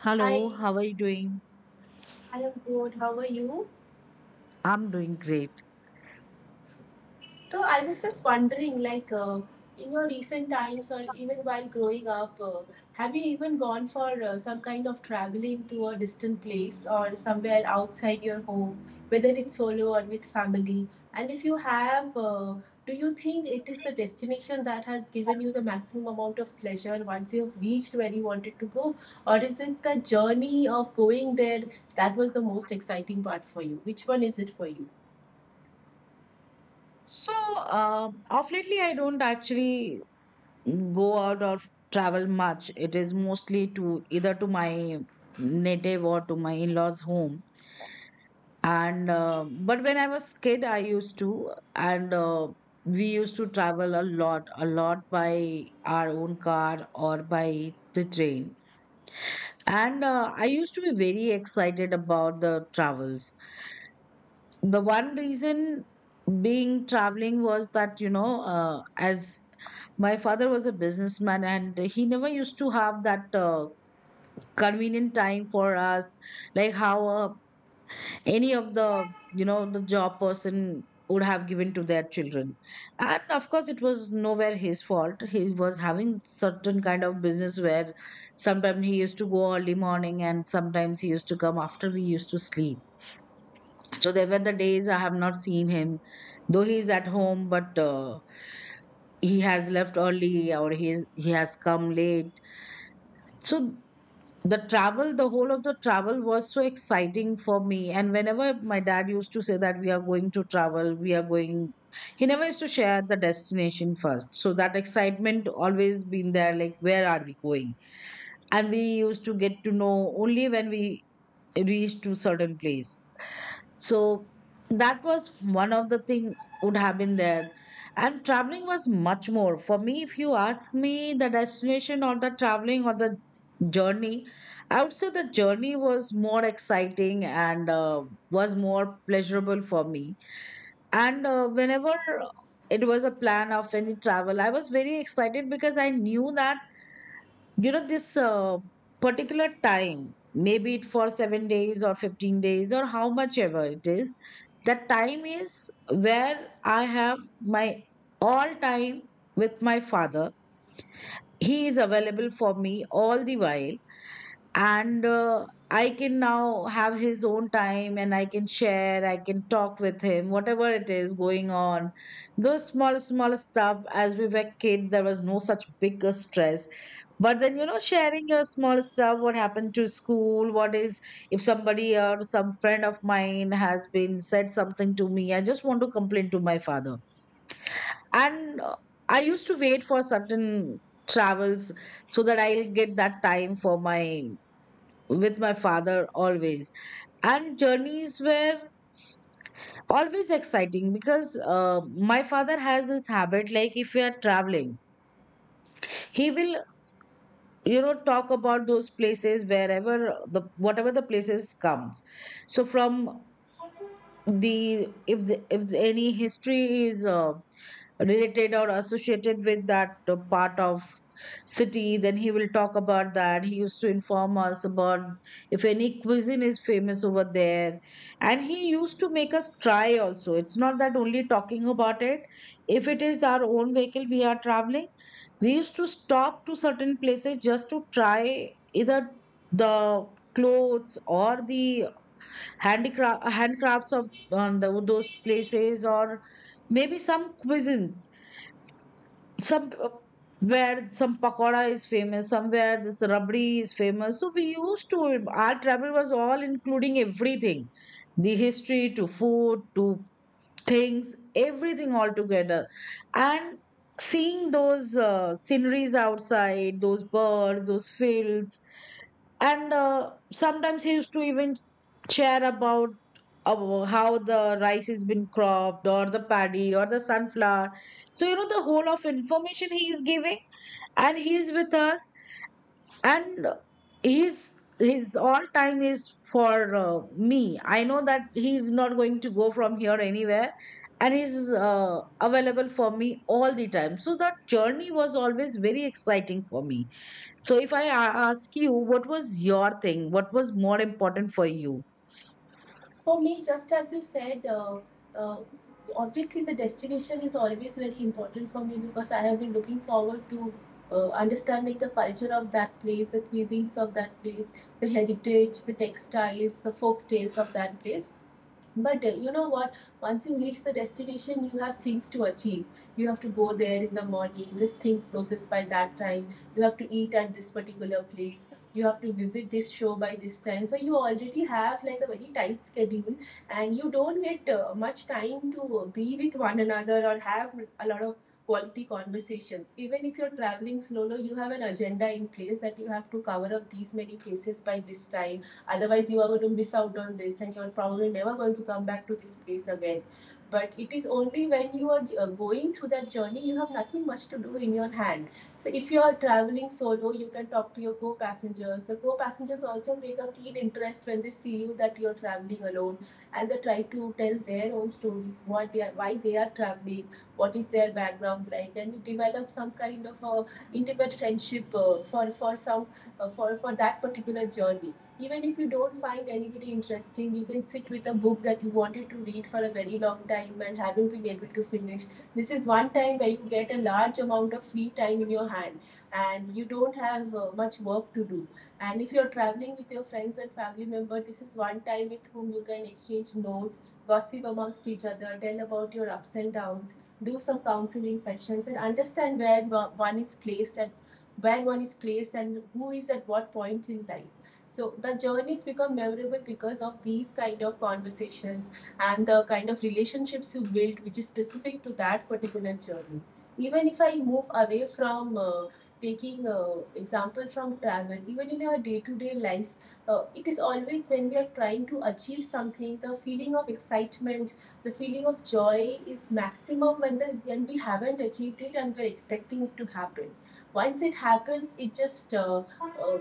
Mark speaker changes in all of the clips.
Speaker 1: Hello,
Speaker 2: Hi,
Speaker 1: how are you doing?
Speaker 2: I am good. How are you?
Speaker 1: I'm doing great.
Speaker 2: So I was just wondering, in your recent times or even while growing up, have you even gone for some kind of traveling to a distant place or somewhere outside your home, whether it's solo or with family? And if you have, do you think it is the destination that has given you the maximum amount of pleasure once you've reached where you wanted to go? Or is it the journey of going there that was the most exciting part for you? Which one is it for you?
Speaker 1: So, of lately, I don't actually go out or travel much. It is mostly to either to my native or to my in-laws' home. And but when I was kid, I used to, and we used to travel a lot, by our own car or by the train. And I used to be very excited about the travels. The one reason being traveling was that as my father was a businessman and he never used to have that convenient time for us, like how any of the, you know, the job person would have given to their children. And of course it was nowhere his fault. He was having certain kind of business where sometimes he used to go early morning and sometimes he used to come after we used to sleep. So there were the days I have not seen him, though he is at home, but he has left early or he has come late. So the travel, the whole of the travel, was so exciting for me. And whenever my dad used to say that we are going to travel, we are going, he never used to share the destination first. So that excitement always been there, like where are we going? And we used to get to know only when we reached to certain place. So that was one of the thing would have been there. And traveling was much more. For me, if you ask me the destination or the traveling or the journey, I would say the journey was more exciting and was more pleasurable for me. And whenever it was a plan of any travel, I was very excited because I knew that, you know, this particular time, maybe it for 7 days or 15 days or how much ever it is, that time is where I have my all time with my father. He is available for me all the while. And I can now have his own time, and I can share, I can talk with him whatever it is going on, those small small stuff. As we were kid, there was no such big stress, but then, you know, sharing your small stuff, what happened to school, what is, if somebody or some friend of mine has been said something to me, I just want to complain to my father. And I used to wait for certain travels so that I'll get that time for my, with my father always. And journeys were always exciting because my father has this habit, like if we are traveling, he will, you know, talk about those places wherever the whatever the places comes. So from the, if any history is related or associated with that part of city, then he will talk about that. He used to inform us about if any cuisine is famous over there, and he used to make us try also. It's not that only talking about it. If it is our own vehicle we are traveling, we used to stop to certain places just to try either the clothes or the handicraft handcrafts of those places, or maybe some cuisines, some, where some pakora is famous, somewhere this rabdi is famous. So we used to, our travel was all including everything, the history to food to things, everything all together. And seeing those sceneries outside, those birds, those fields. And sometimes he used to even share about how the rice has been cropped, or the paddy, or the sunflower. So, you know, the whole of information he is giving, and he is with us, and he's, his all time is for, me. I know that he is not going to go from here anywhere, and he's available for me all the time. So that journey was always very exciting for me. So if I ask you, what was your thing, what was more important for you?
Speaker 2: For me, just as you said, uh, obviously the destination is always very important for me because I have been looking forward to understanding the culture of that place, the cuisines of that place, the heritage, the textiles, the folk tales of that place. But you know what? Once you reach the destination, you have things to achieve. You have to go there in the morning, this thing closes by that time. You have to eat at this particular place. You have to visit this show by this time. So you already have like a very tight schedule, and you don't get much time to be with one another or have a lot of quality conversations. Even if you're traveling solo, you have an agenda in place that you have to cover up these many places by this time. Otherwise, you are going to miss out on this, and you're probably never going to come back to this place again. But it is only when you are going through that journey, you have nothing much to do in your hand. So if you are traveling solo, you can talk to your co-passengers. The co-passengers also take a keen interest when they see you that you're traveling alone, and they try to tell their own stories, what they are, why they are traveling, what is their background like, and you develop some kind of a intimate friendship for some for that particular journey. Even if you don't find anybody interesting, you can sit with a book that you wanted to read for a very long time and haven't been able to finish. This is one time where you get a large amount of free time in your hand, and you don't have much work to do. And if you're traveling with your friends and family members, this is one time with whom you can exchange notes, gossip amongst each other, tell about your ups and downs, do some counseling sessions, and understand where one is placed and who is at what point in life. So the journeys become memorable because of these kind of conversations and the kind of relationships you build, which is specific to that particular journey. Even if I move away from taking example from travel, even in our day-to-day life, it is always when we are trying to achieve something, the feeling of excitement, the feeling of joy is maximum when when we haven't achieved it and we're expecting it to happen. Once it happens, it just uh,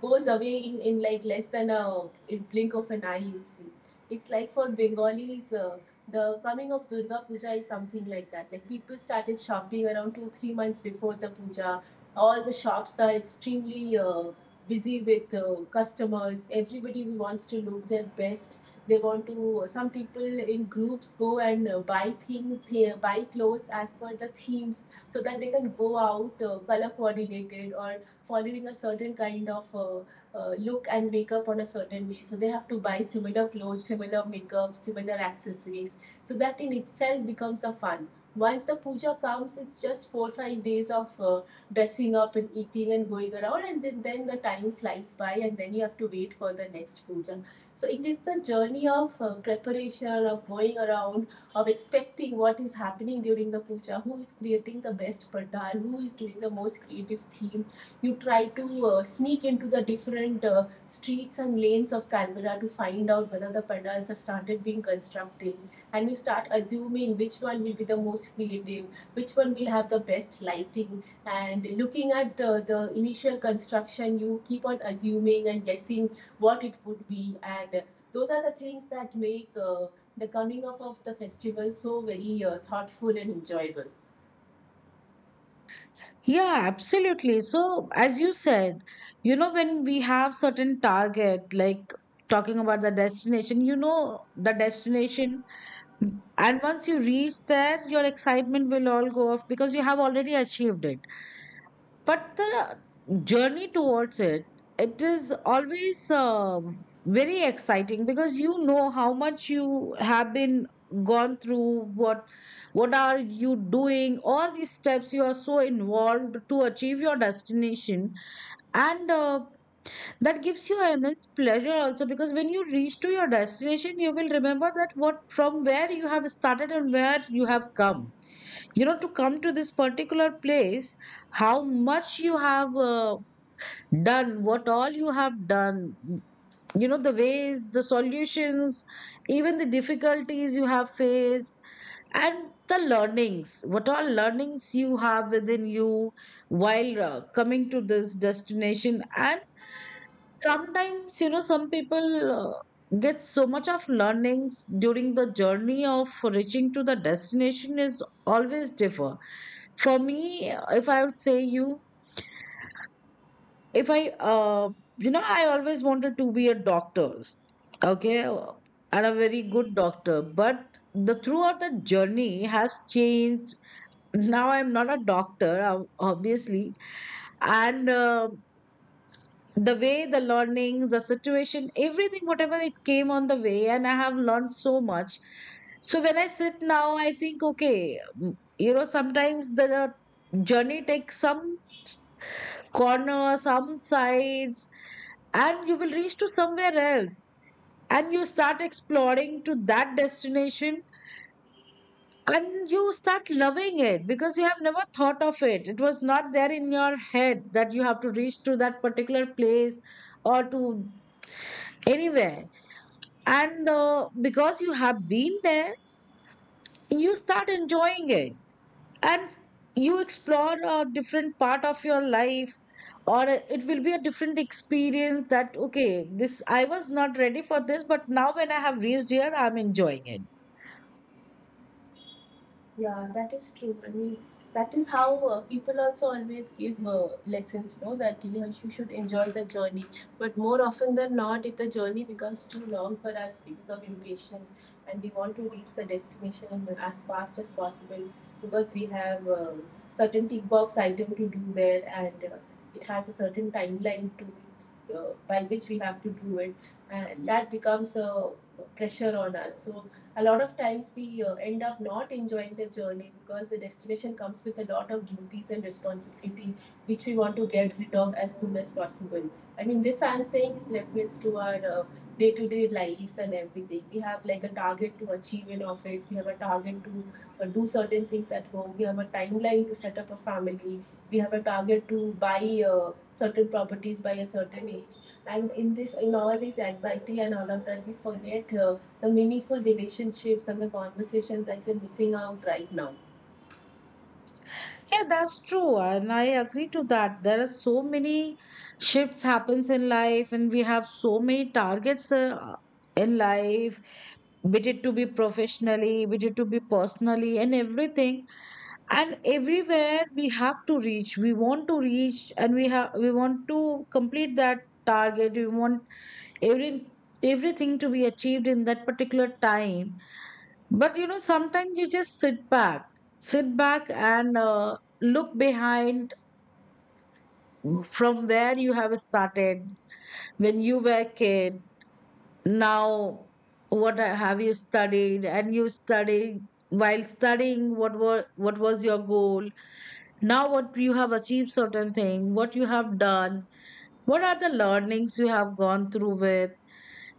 Speaker 2: goes away in like less than a in blink of an eye, it seems. It's like for bengalis, the coming of durga puja is something like that. Like people started shopping around 2 3 months before the puja. All the shops are extremely busy with customers. Everybody wants to look their best. They want to, some people in groups go and buy things, buy clothes as per the themes so that they can go out color coordinated or following a certain kind of look and makeup on a certain way. So they have to buy similar clothes, similar makeup, similar accessories. So that in itself becomes a fun. Once the puja comes, it's just 4 or 5 days of dressing up and eating and going around, and then the time flies by, and then you have to wait for the next puja. So it is the journey of preparation, of going around, of expecting what is happening during the puja, who is creating the best pandal, who is doing the most creative theme. You try to sneak into the different streets and lanes of Canberra to find out whether the pandals have started being constructed. And you start assuming which one will be the most creative, which one will have the best lighting. And looking at the initial construction, you keep on assuming and guessing what it would be. And those are the things that make the coming up of the festival so very thoughtful and enjoyable.
Speaker 1: Yeah, absolutely. So as you said, you know, when we have certain target, like talking about the destination, you know, the destination. And once you reach there, your excitement will all go off because you have already achieved it. But the journey towards it, it is always very exciting because you know how much you have been gone through, what are you doing, all these steps you are so involved to achieve your destination. And that gives you immense pleasure also, because when you reach to your destination, you will remember that what from where you have started and where you have come, you know, to come to this particular place, how much you have done, what all you have done, you know, the ways, the solutions, even the difficulties you have faced, and the learnings, what all learnings you have within you while coming to this destination. And sometimes, you know, some people get so much of learnings during the journey of reaching to the destination is always differ. For me, if I would say you, if I you know, I always wanted to be a doctor. Okay, and a very good doctor. But the throughout the journey has changed. Now I'm not a doctor, obviously. And the way, the learnings, the situation, everything, whatever it came on the way, and I have learned so much. So when I sit now, I think, okay, you know, sometimes the journey takes some corner, some sides, and you will reach to somewhere else, and you start exploring to that destination, and you start loving it because you have never thought of it. It was not there in your head that you have to reach to that particular place or to anywhere. And because you have been there, you start enjoying it, and you explore a different part of your life, or it will be a different experience, that okay, this I was not ready for this, but now when I have reached here, I'm enjoying it.
Speaker 2: Yeah, that is true. I mean, that is how people also always give lessons, no, that you know, you should enjoy the journey. But more often than not, if the journey becomes too long for us, we become impatient, and we want to reach the destination as fast as possible because we have certain tick box item to do there, and it has a certain timeline to which, by which we have to do it. And that becomes a pressure on us. So a lot of times we end up not enjoying the journey because the destination comes with a lot of duties and responsibility which we want to get rid of as soon as possible. I mean, this I'm saying refers to our day-to-day day-to-day lives, and everything we have like a target to achieve in office, we have a target to do certain things at home, we have a timeline to set up a family, we have a target to buy uh, certain properties by a certain age. And in all this anxiety and all of that, we forget the meaningful relationships and the conversations that we're missing out right now.
Speaker 1: Yeah, that's true, and I agree to that. There are so many shifts happens in life, and we have so many targets in life, be it to be professionally, be it to be personally, and everything. And everywhere we have to reach, we want to reach, and we want to complete that target. We want every, everything to be achieved in that particular time. But you know, sometimes you just sit back and look behind, from where you have started when you were a kid. Now what have you studied, and you study, while studying what were, what was your goal, now what you have achieved, certain thing what you have done, what are the learnings you have gone through with.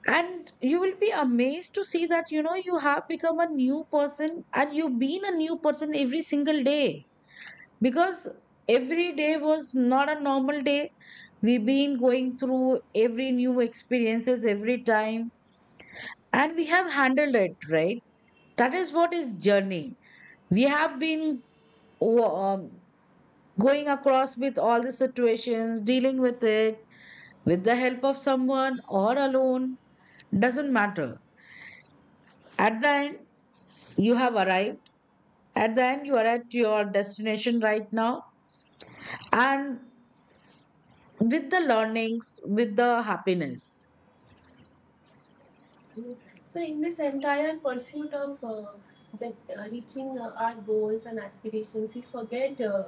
Speaker 1: And you will be amazed to see that, you know, you have become a new person, and you've been a new person every single day, because every day was not a normal day. We've been going through every new experiences every time, and we have handled it right. That is what is journey. We have been, um. going across with all the situations, dealing with it, with the help of someone or alone, doesn't matter. At the end, you have arrived. At the end, you are at your destination right now, and with the learnings, with the happiness.
Speaker 2: Yes. So in this entire pursuit of reaching our goals and aspirations, we forget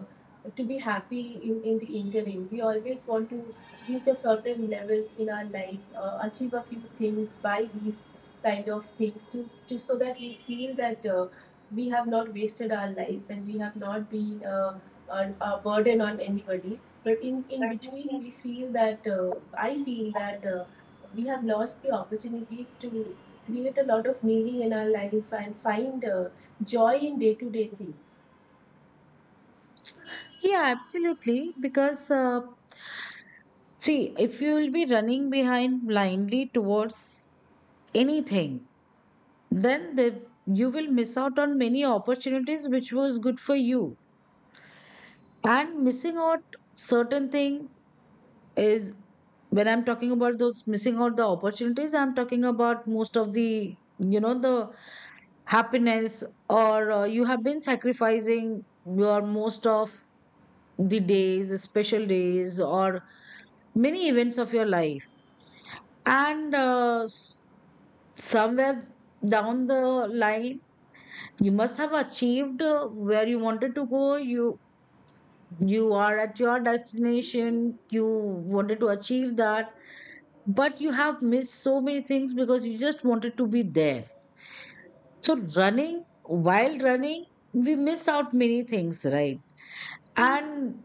Speaker 2: to be happy in the interim. We always want to reach a certain level in our life, achieve a few things, buy these kind of things to so that we feel that we have not wasted our lives and we have not been a burden on anybody. But in between, we feel that I feel that. We have lost the opportunities to create a lot of meaning in our life and find joy in day to day things.
Speaker 1: Yeah, absolutely. Because, see, if you will be running behind blindly towards anything, then the, you will miss out on many opportunities which was good for you. And missing out certain things is when I'm talking about those missing out the opportunities. I'm talking about most of the happiness, or you have been sacrificing your most of the days, special days, or many events of your life. And somewhere down the line, you must have achieved where you wanted to go. You are at your destination. You wanted to achieve that, but you have missed so many things because you just wanted to be there. So running, while running, we miss out many things, right? And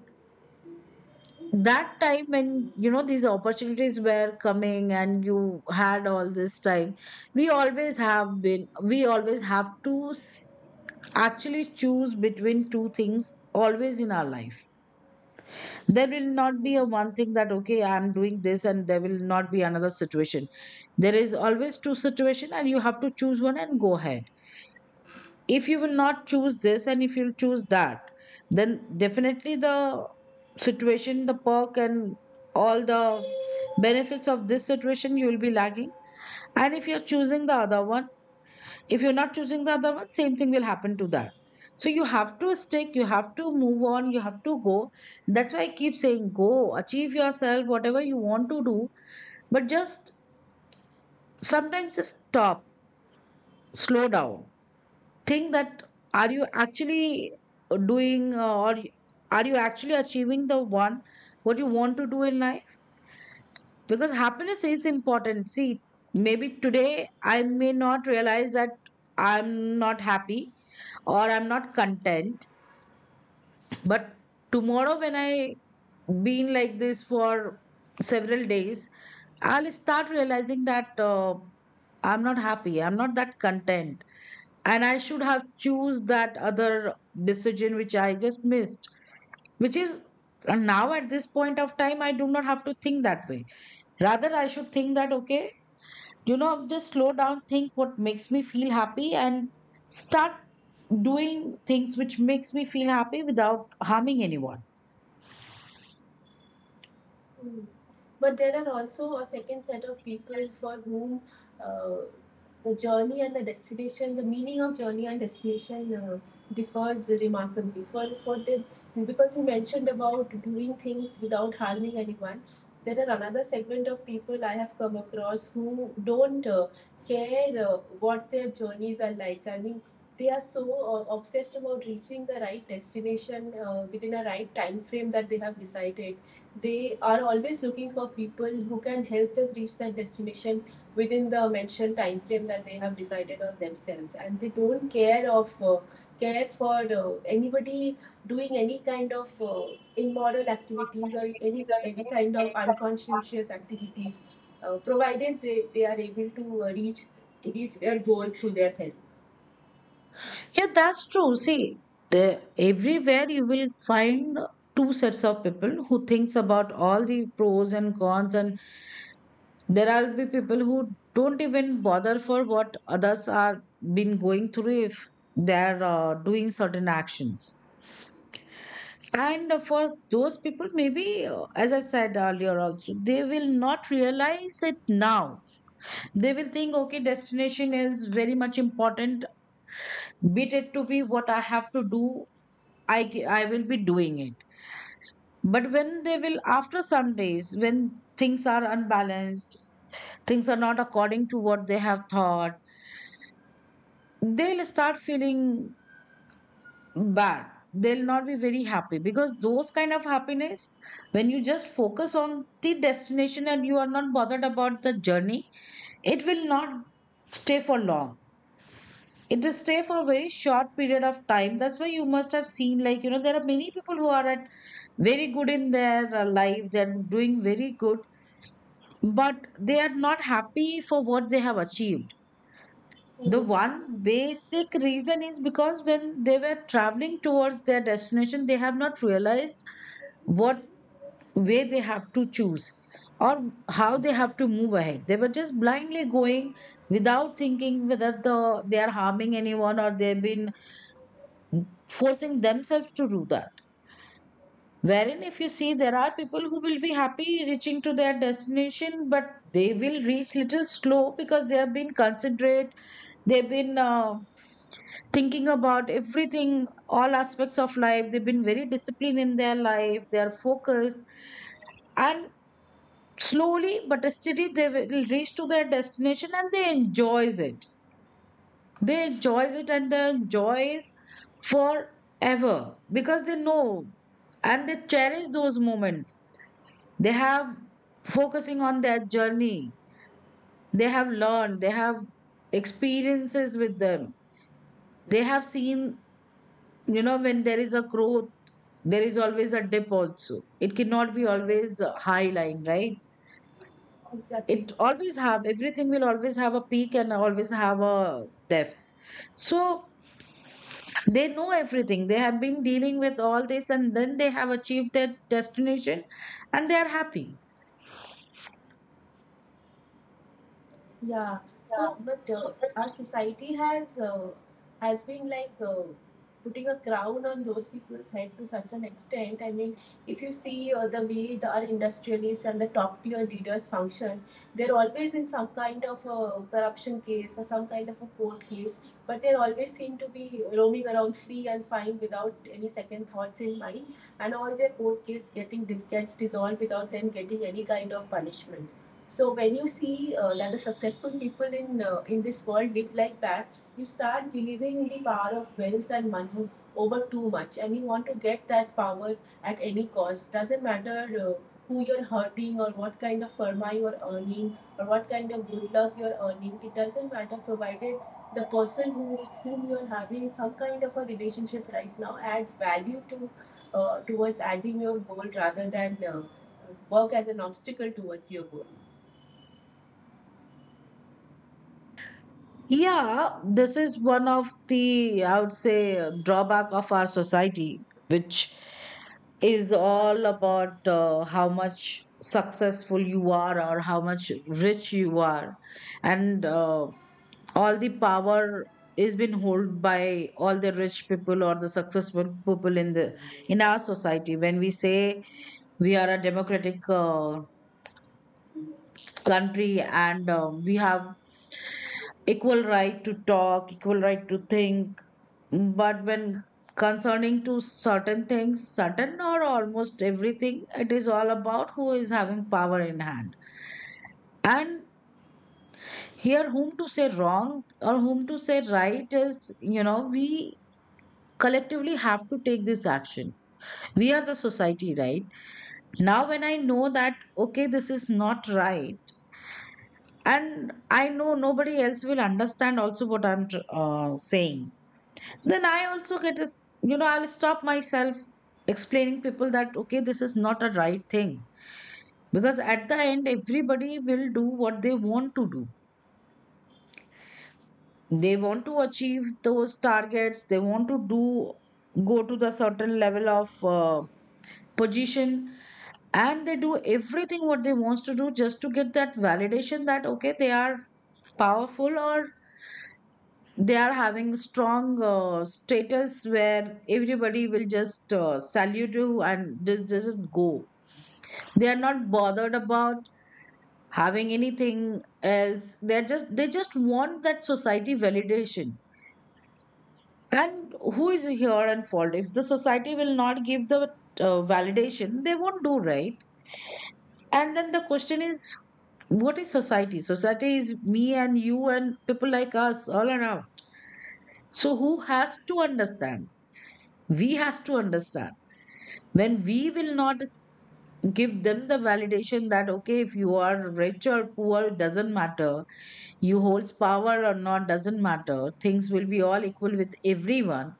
Speaker 1: that time, when you know these opportunities were coming and you had all this time, we always have to actually choose between two things always in our life. There will not be a
Speaker 2: Mm.
Speaker 1: one thing that okay, I'm doing this, and there will not be another situation. There is always two situation, and you have to choose one and go ahead. If you will not choose this and if you'll choose that, then definitely the situation, the perk, and all the benefits of this situation, you will be lagging. And if you're choosing the other one, if you're not choosing the other one, same thing will happen to that. So you have to stick, you have to move on, you have to go. That's why I keep saying go, achieve yourself whatever you want to do. But just sometimes just stop, slow down, think that are you actually doing, or are you actually achieving the one what you want to do in life? Because happiness is important, see. Maybe today I may not realize that I'm not happy or I'm not content, but tomorrow when I been like this for several days, I'll start realizing that I'm not happy, I'm not that content, and I should have choose that other decision which I just missed, which is and now at this point of time, I do not have to think that way. Rather, I should think that okay, you know, just slow down, think what makes me feel happy, and start doing things which makes me feel happy without harming anyone.
Speaker 2: Mm. But there are also a second set of people for whom uh, the journey and the destination, the meaning of journey and destination differs remarkably. For the because you mentioned about doing things without harming anyone, there are another segment of people I have come across who don't care what their journeys are like. I mean, they are so obsessed about reaching the right destination within a right time frame that they have decided. They are always looking for people who can help them reach their destination within the mentioned time frame that they have decided on themselves, and they don't care for anybody doing any kind of immoral activities or any kind of unconscientious activities, provided they are able to reach their goal through their help.
Speaker 1: Yeah, that's true, see. Everywhere you will find two sets of people who thinks about all the pros and cons. And there will be people who don't even bother for what others are been going through if they are doing certain actions. And for those people, maybe, as I said earlier also, they will not realize it now. They will think, okay, destination is very much important. Be it to be what I have to do, I will be doing it. But when they will, after some days, when things are unbalanced, things are not according to what they have thought, they'll start feeling bad. They'll not be very happy because those kind of happiness, when you just focus on the destination and you are not bothered about the journey, it will not stay for long. It will stay for a very short period of time. That's why you must have seen, like, you know, there are many people who are at very good in their life, they're doing very good, but they are not happy for what they have achieved. The
Speaker 2: Mhm.
Speaker 1: one basic reason is because when they were traveling towards their destination, they have not realized what way they have to choose, or how they have to move ahead. They were just blindly going without thinking whether they are harming anyone or they've been forcing themselves to do that. Wherein, if you see, there are people who will be happy reaching to their destination, but they will reach little slow because they have been considerate, they've been thinking about everything, all aspects of life. They've been very disciplined in their life, they are focused, and slowly but steadily they will reach to their destination and they enjoys it. They enjoys it, and they enjoys forever because they know, and they cherish those moments. They have focusing on their journey. They have learned. They have experiences with them. They have seen, you know, when there is a growth, there is always a dip also. It cannot be always high line, right?
Speaker 2: Exactly.
Speaker 1: it always have Everything will always have a peak and always have a depth. So they know everything, they have been dealing with all this, and then they have achieved their destination, and they are happy.
Speaker 2: Yeah. So, but our society has been like putting a crown on those people's head to such an extent. I mean, if you see the way our industrialists and the top tier leaders function, they're always in some kind of a corruption case or some kind of a court case, but they always seem to be roaming around free and fine without any second thoughts in mind, and all their court case gets dissolved without them getting any kind of punishment. So when you see that the successful people in this world live like that, you start believing in the power of wealth and money over too much, and you want to get that power at any cost. Doesn't matter uh, who you're hurting or what kind of karma you're earning or what kind of good luck you're earning. It doesn't matter, provided the person who with whom you're having some kind of a relationship right now adds value to towards adding your goal rather than work as an obstacle towards your goal.
Speaker 1: Yeah, this is one of the, I would say, drawback of our society, which is all about how much successful you are or how much rich you are. And all the power is been held by all the rich people or the successful people in the, in our society. When we say we are a democratic country and we have equal right to talk, equal right to think. But when concerning to certain things, certain or almost everything, it is all about who is having power in hand. And here, whom to say wrong or whom to say right is, you know, we collectively have to take this action. We are the society, right? Now, when I know that, okay, this is not right, and I know nobody else will understand also what I'm saying. Then I also you know, I'll stop myself explaining people that okay this is not a right thing, because at the end everybody will do what they want to do. They want to achieve those targets, they want to do, go to the certain level of uh, position, and they do everything what they wants to do just to get that validation that okay they are powerful, or they are having strong status where everybody will just salute you, and just go. They are not bothered about having anything else. They are just, they just want that society validation. And who is here and fault if the society will not give the validation, they won't do, right? And then the question is, what is society? Society is me and you and people like us all around. So who has to understand? We has to understand. When we will not give them the validation that okay if you are rich or poor it doesn't matter, you holds power or not doesn't matter, things will be all equal with everyone.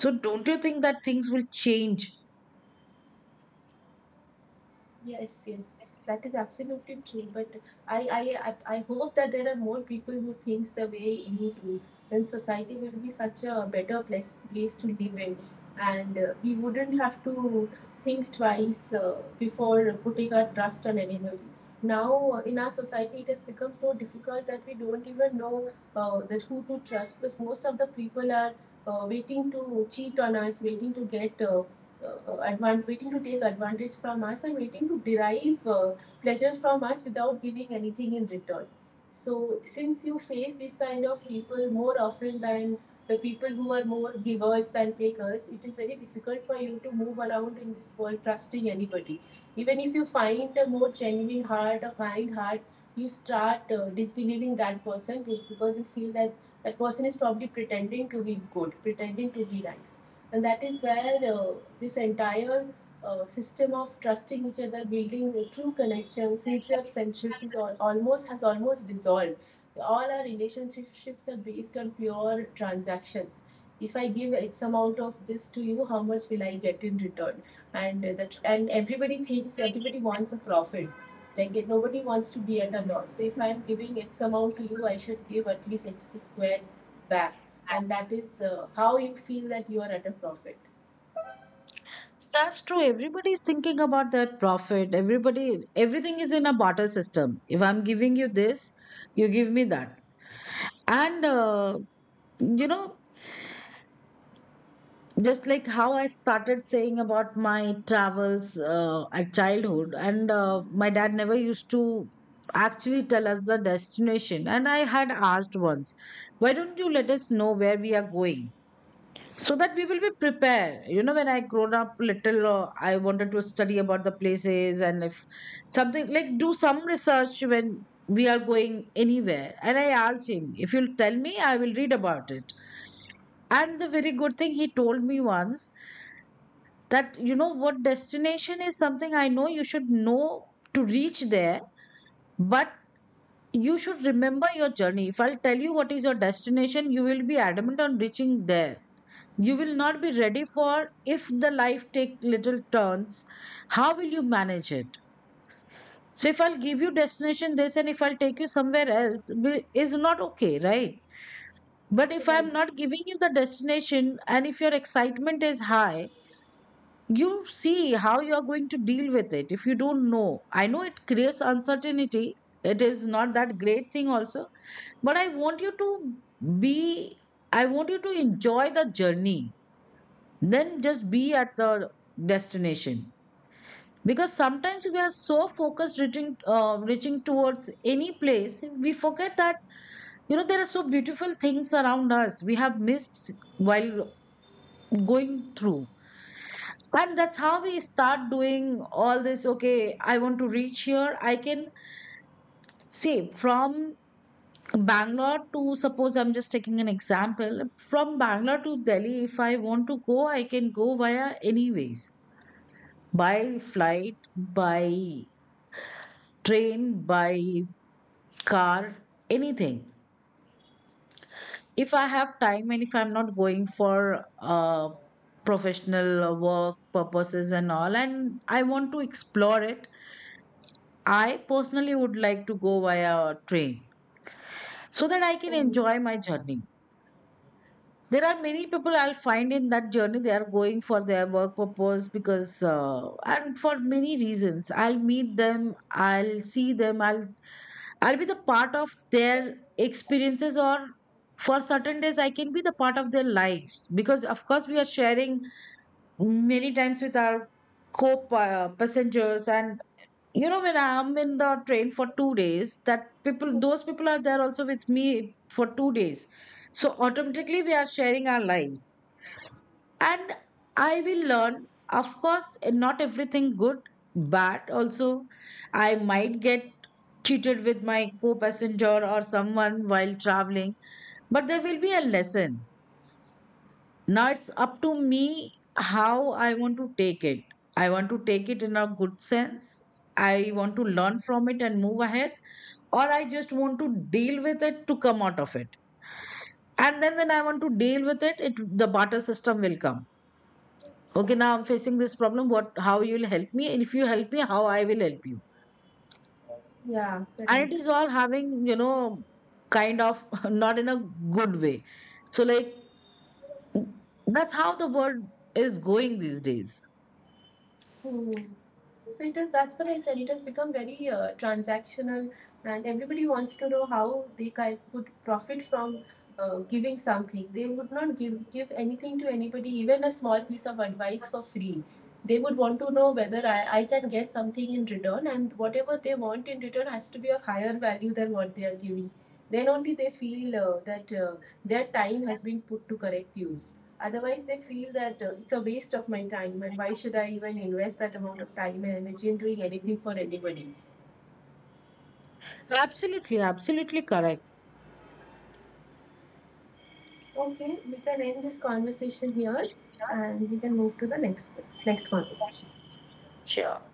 Speaker 1: So don't you think that things will change?
Speaker 2: Yes, yes, that is absolutely true. But I hope that there are more people who thinks the way you do. Then society will be such a better place to live in, and we wouldn't have to think twice before putting our trust on anybody. Now in our society, it has become so difficult that we don't even know that who to trust, because most of the people are waiting to cheat on us, waiting to get uh, waiting to take advantage from us and waiting to derive pleasure from us without giving anything in return. So, since you face these kind of people more often than the people who are more givers than takers, it is very difficult for you to move around in this world trusting anybody. Even if you find a more genuine heart, a kind heart, you start disbelieving that person because you feel that that person is probably pretending to be good, pretending to be nice, and that is where this entire system of trusting each other, building a true connections, sincere friendships is all, almost dissolved. All our relationships are based on pure transactions. If I give X amount of this to you, how much will I get in return? And that and everybody thinks, everybody wants a profit. Like it, nobody wants to be at a loss. So if I'm giving X amount to you, I should give at least X squared back, and that is how you feel that you are at a profit.
Speaker 1: That's true, everybody is thinking about their profit. Everybody, everything is in a barter system. If I'm giving you this, you give me that. And you know, just like how I started saying about my travels at childhood, and my dad never used to actually tell us the destination. And I had asked once, why don't you let us know where we are going so that we will be prepared? You know, when I grown up little, I wanted to study about the places and if something like do some research when we are going anywhere. And I asked him, if you'll tell me, I will read about it. And the very good thing he told me once, that you know what, destination is something I know, you should know to reach there, but you should remember your journey. If I'll tell you what is your destination, you will be adamant on reaching there. You will not be ready for, if the life take little turns, how will you manage it? So if I'll give you destination this and if I'll take you somewhere else, will- is not okay, right? But if
Speaker 2: Right.
Speaker 1: I'm not giving you the destination and if your excitement is high, you see how you are going to deal with it. If you don't know, I know it creates uncertainty. It is not that great thing also, but I want you to be, I want you to enjoy the journey, then just be at the destination. Because sometimes we are so focused reaching towards any place, we forget that, you know, there are so beautiful things around us we have missed while going through. And that's how we start doing all this. Okay, I want to reach here, I can say, from Bangalore to, suppose I'm just taking an example, from Bangalore to Delhi. If I want to go, I can go via any ways, by flight, by train, by car, anything. If I have time and if I'm not going for uh, professional work purposes and all, and I want to explore it, I personally would like to go via train so that I can
Speaker 2: Mhm.
Speaker 1: enjoy my journey. There are many people I'll find in that journey. They are going for their work purpose because, and for many reasons, I'll meet them. I'll see them. I'll be the part of their experiences, or for certain days I can be the part of their lives because, of course, we are sharing many times with our co-passengers. And you know, when I'm in the train for 2 days, that people, those
Speaker 2: Mhm.
Speaker 1: people are there also with me for 2 days. So automatically we are sharing our lives. And I will learn, of course, not everything good, but also I might get cheated with my co-passenger or someone while traveling. But there will be a lesson. Now it's up to me how I want to take it. I want to take it in a good sense, I want to learn from it and move ahead, or I just want to deal with it to come out of it. And then when I want to deal with it, it the barter system will come. Okay, now I'm facing this problem. What? How you'll help me? And if you help me, how I will help you?
Speaker 2: Yeah,
Speaker 1: And it
Speaker 2: correct.
Speaker 1: is all having, you know, kind of not in a good way. So like, that's how the world is going these days.
Speaker 2: Mhm. So it is, that's what I said, it has become very transactional, and everybody wants to know how they could profit from giving something. They would not give anything to anybody, even a small piece of advice for free. They would want to know whether I can get something in return, and whatever they want in return has to be of higher value than what they are giving. Then only they feel that their time has been put to correct use. Otherwise, they feel that it's a waste of my time, and why should I even invest that amount of time and energy in doing anything for anybody?
Speaker 1: Absolutely, absolutely correct.
Speaker 2: Okay, we can end this conversation here, and we can move to the next conversation.
Speaker 1: Sure.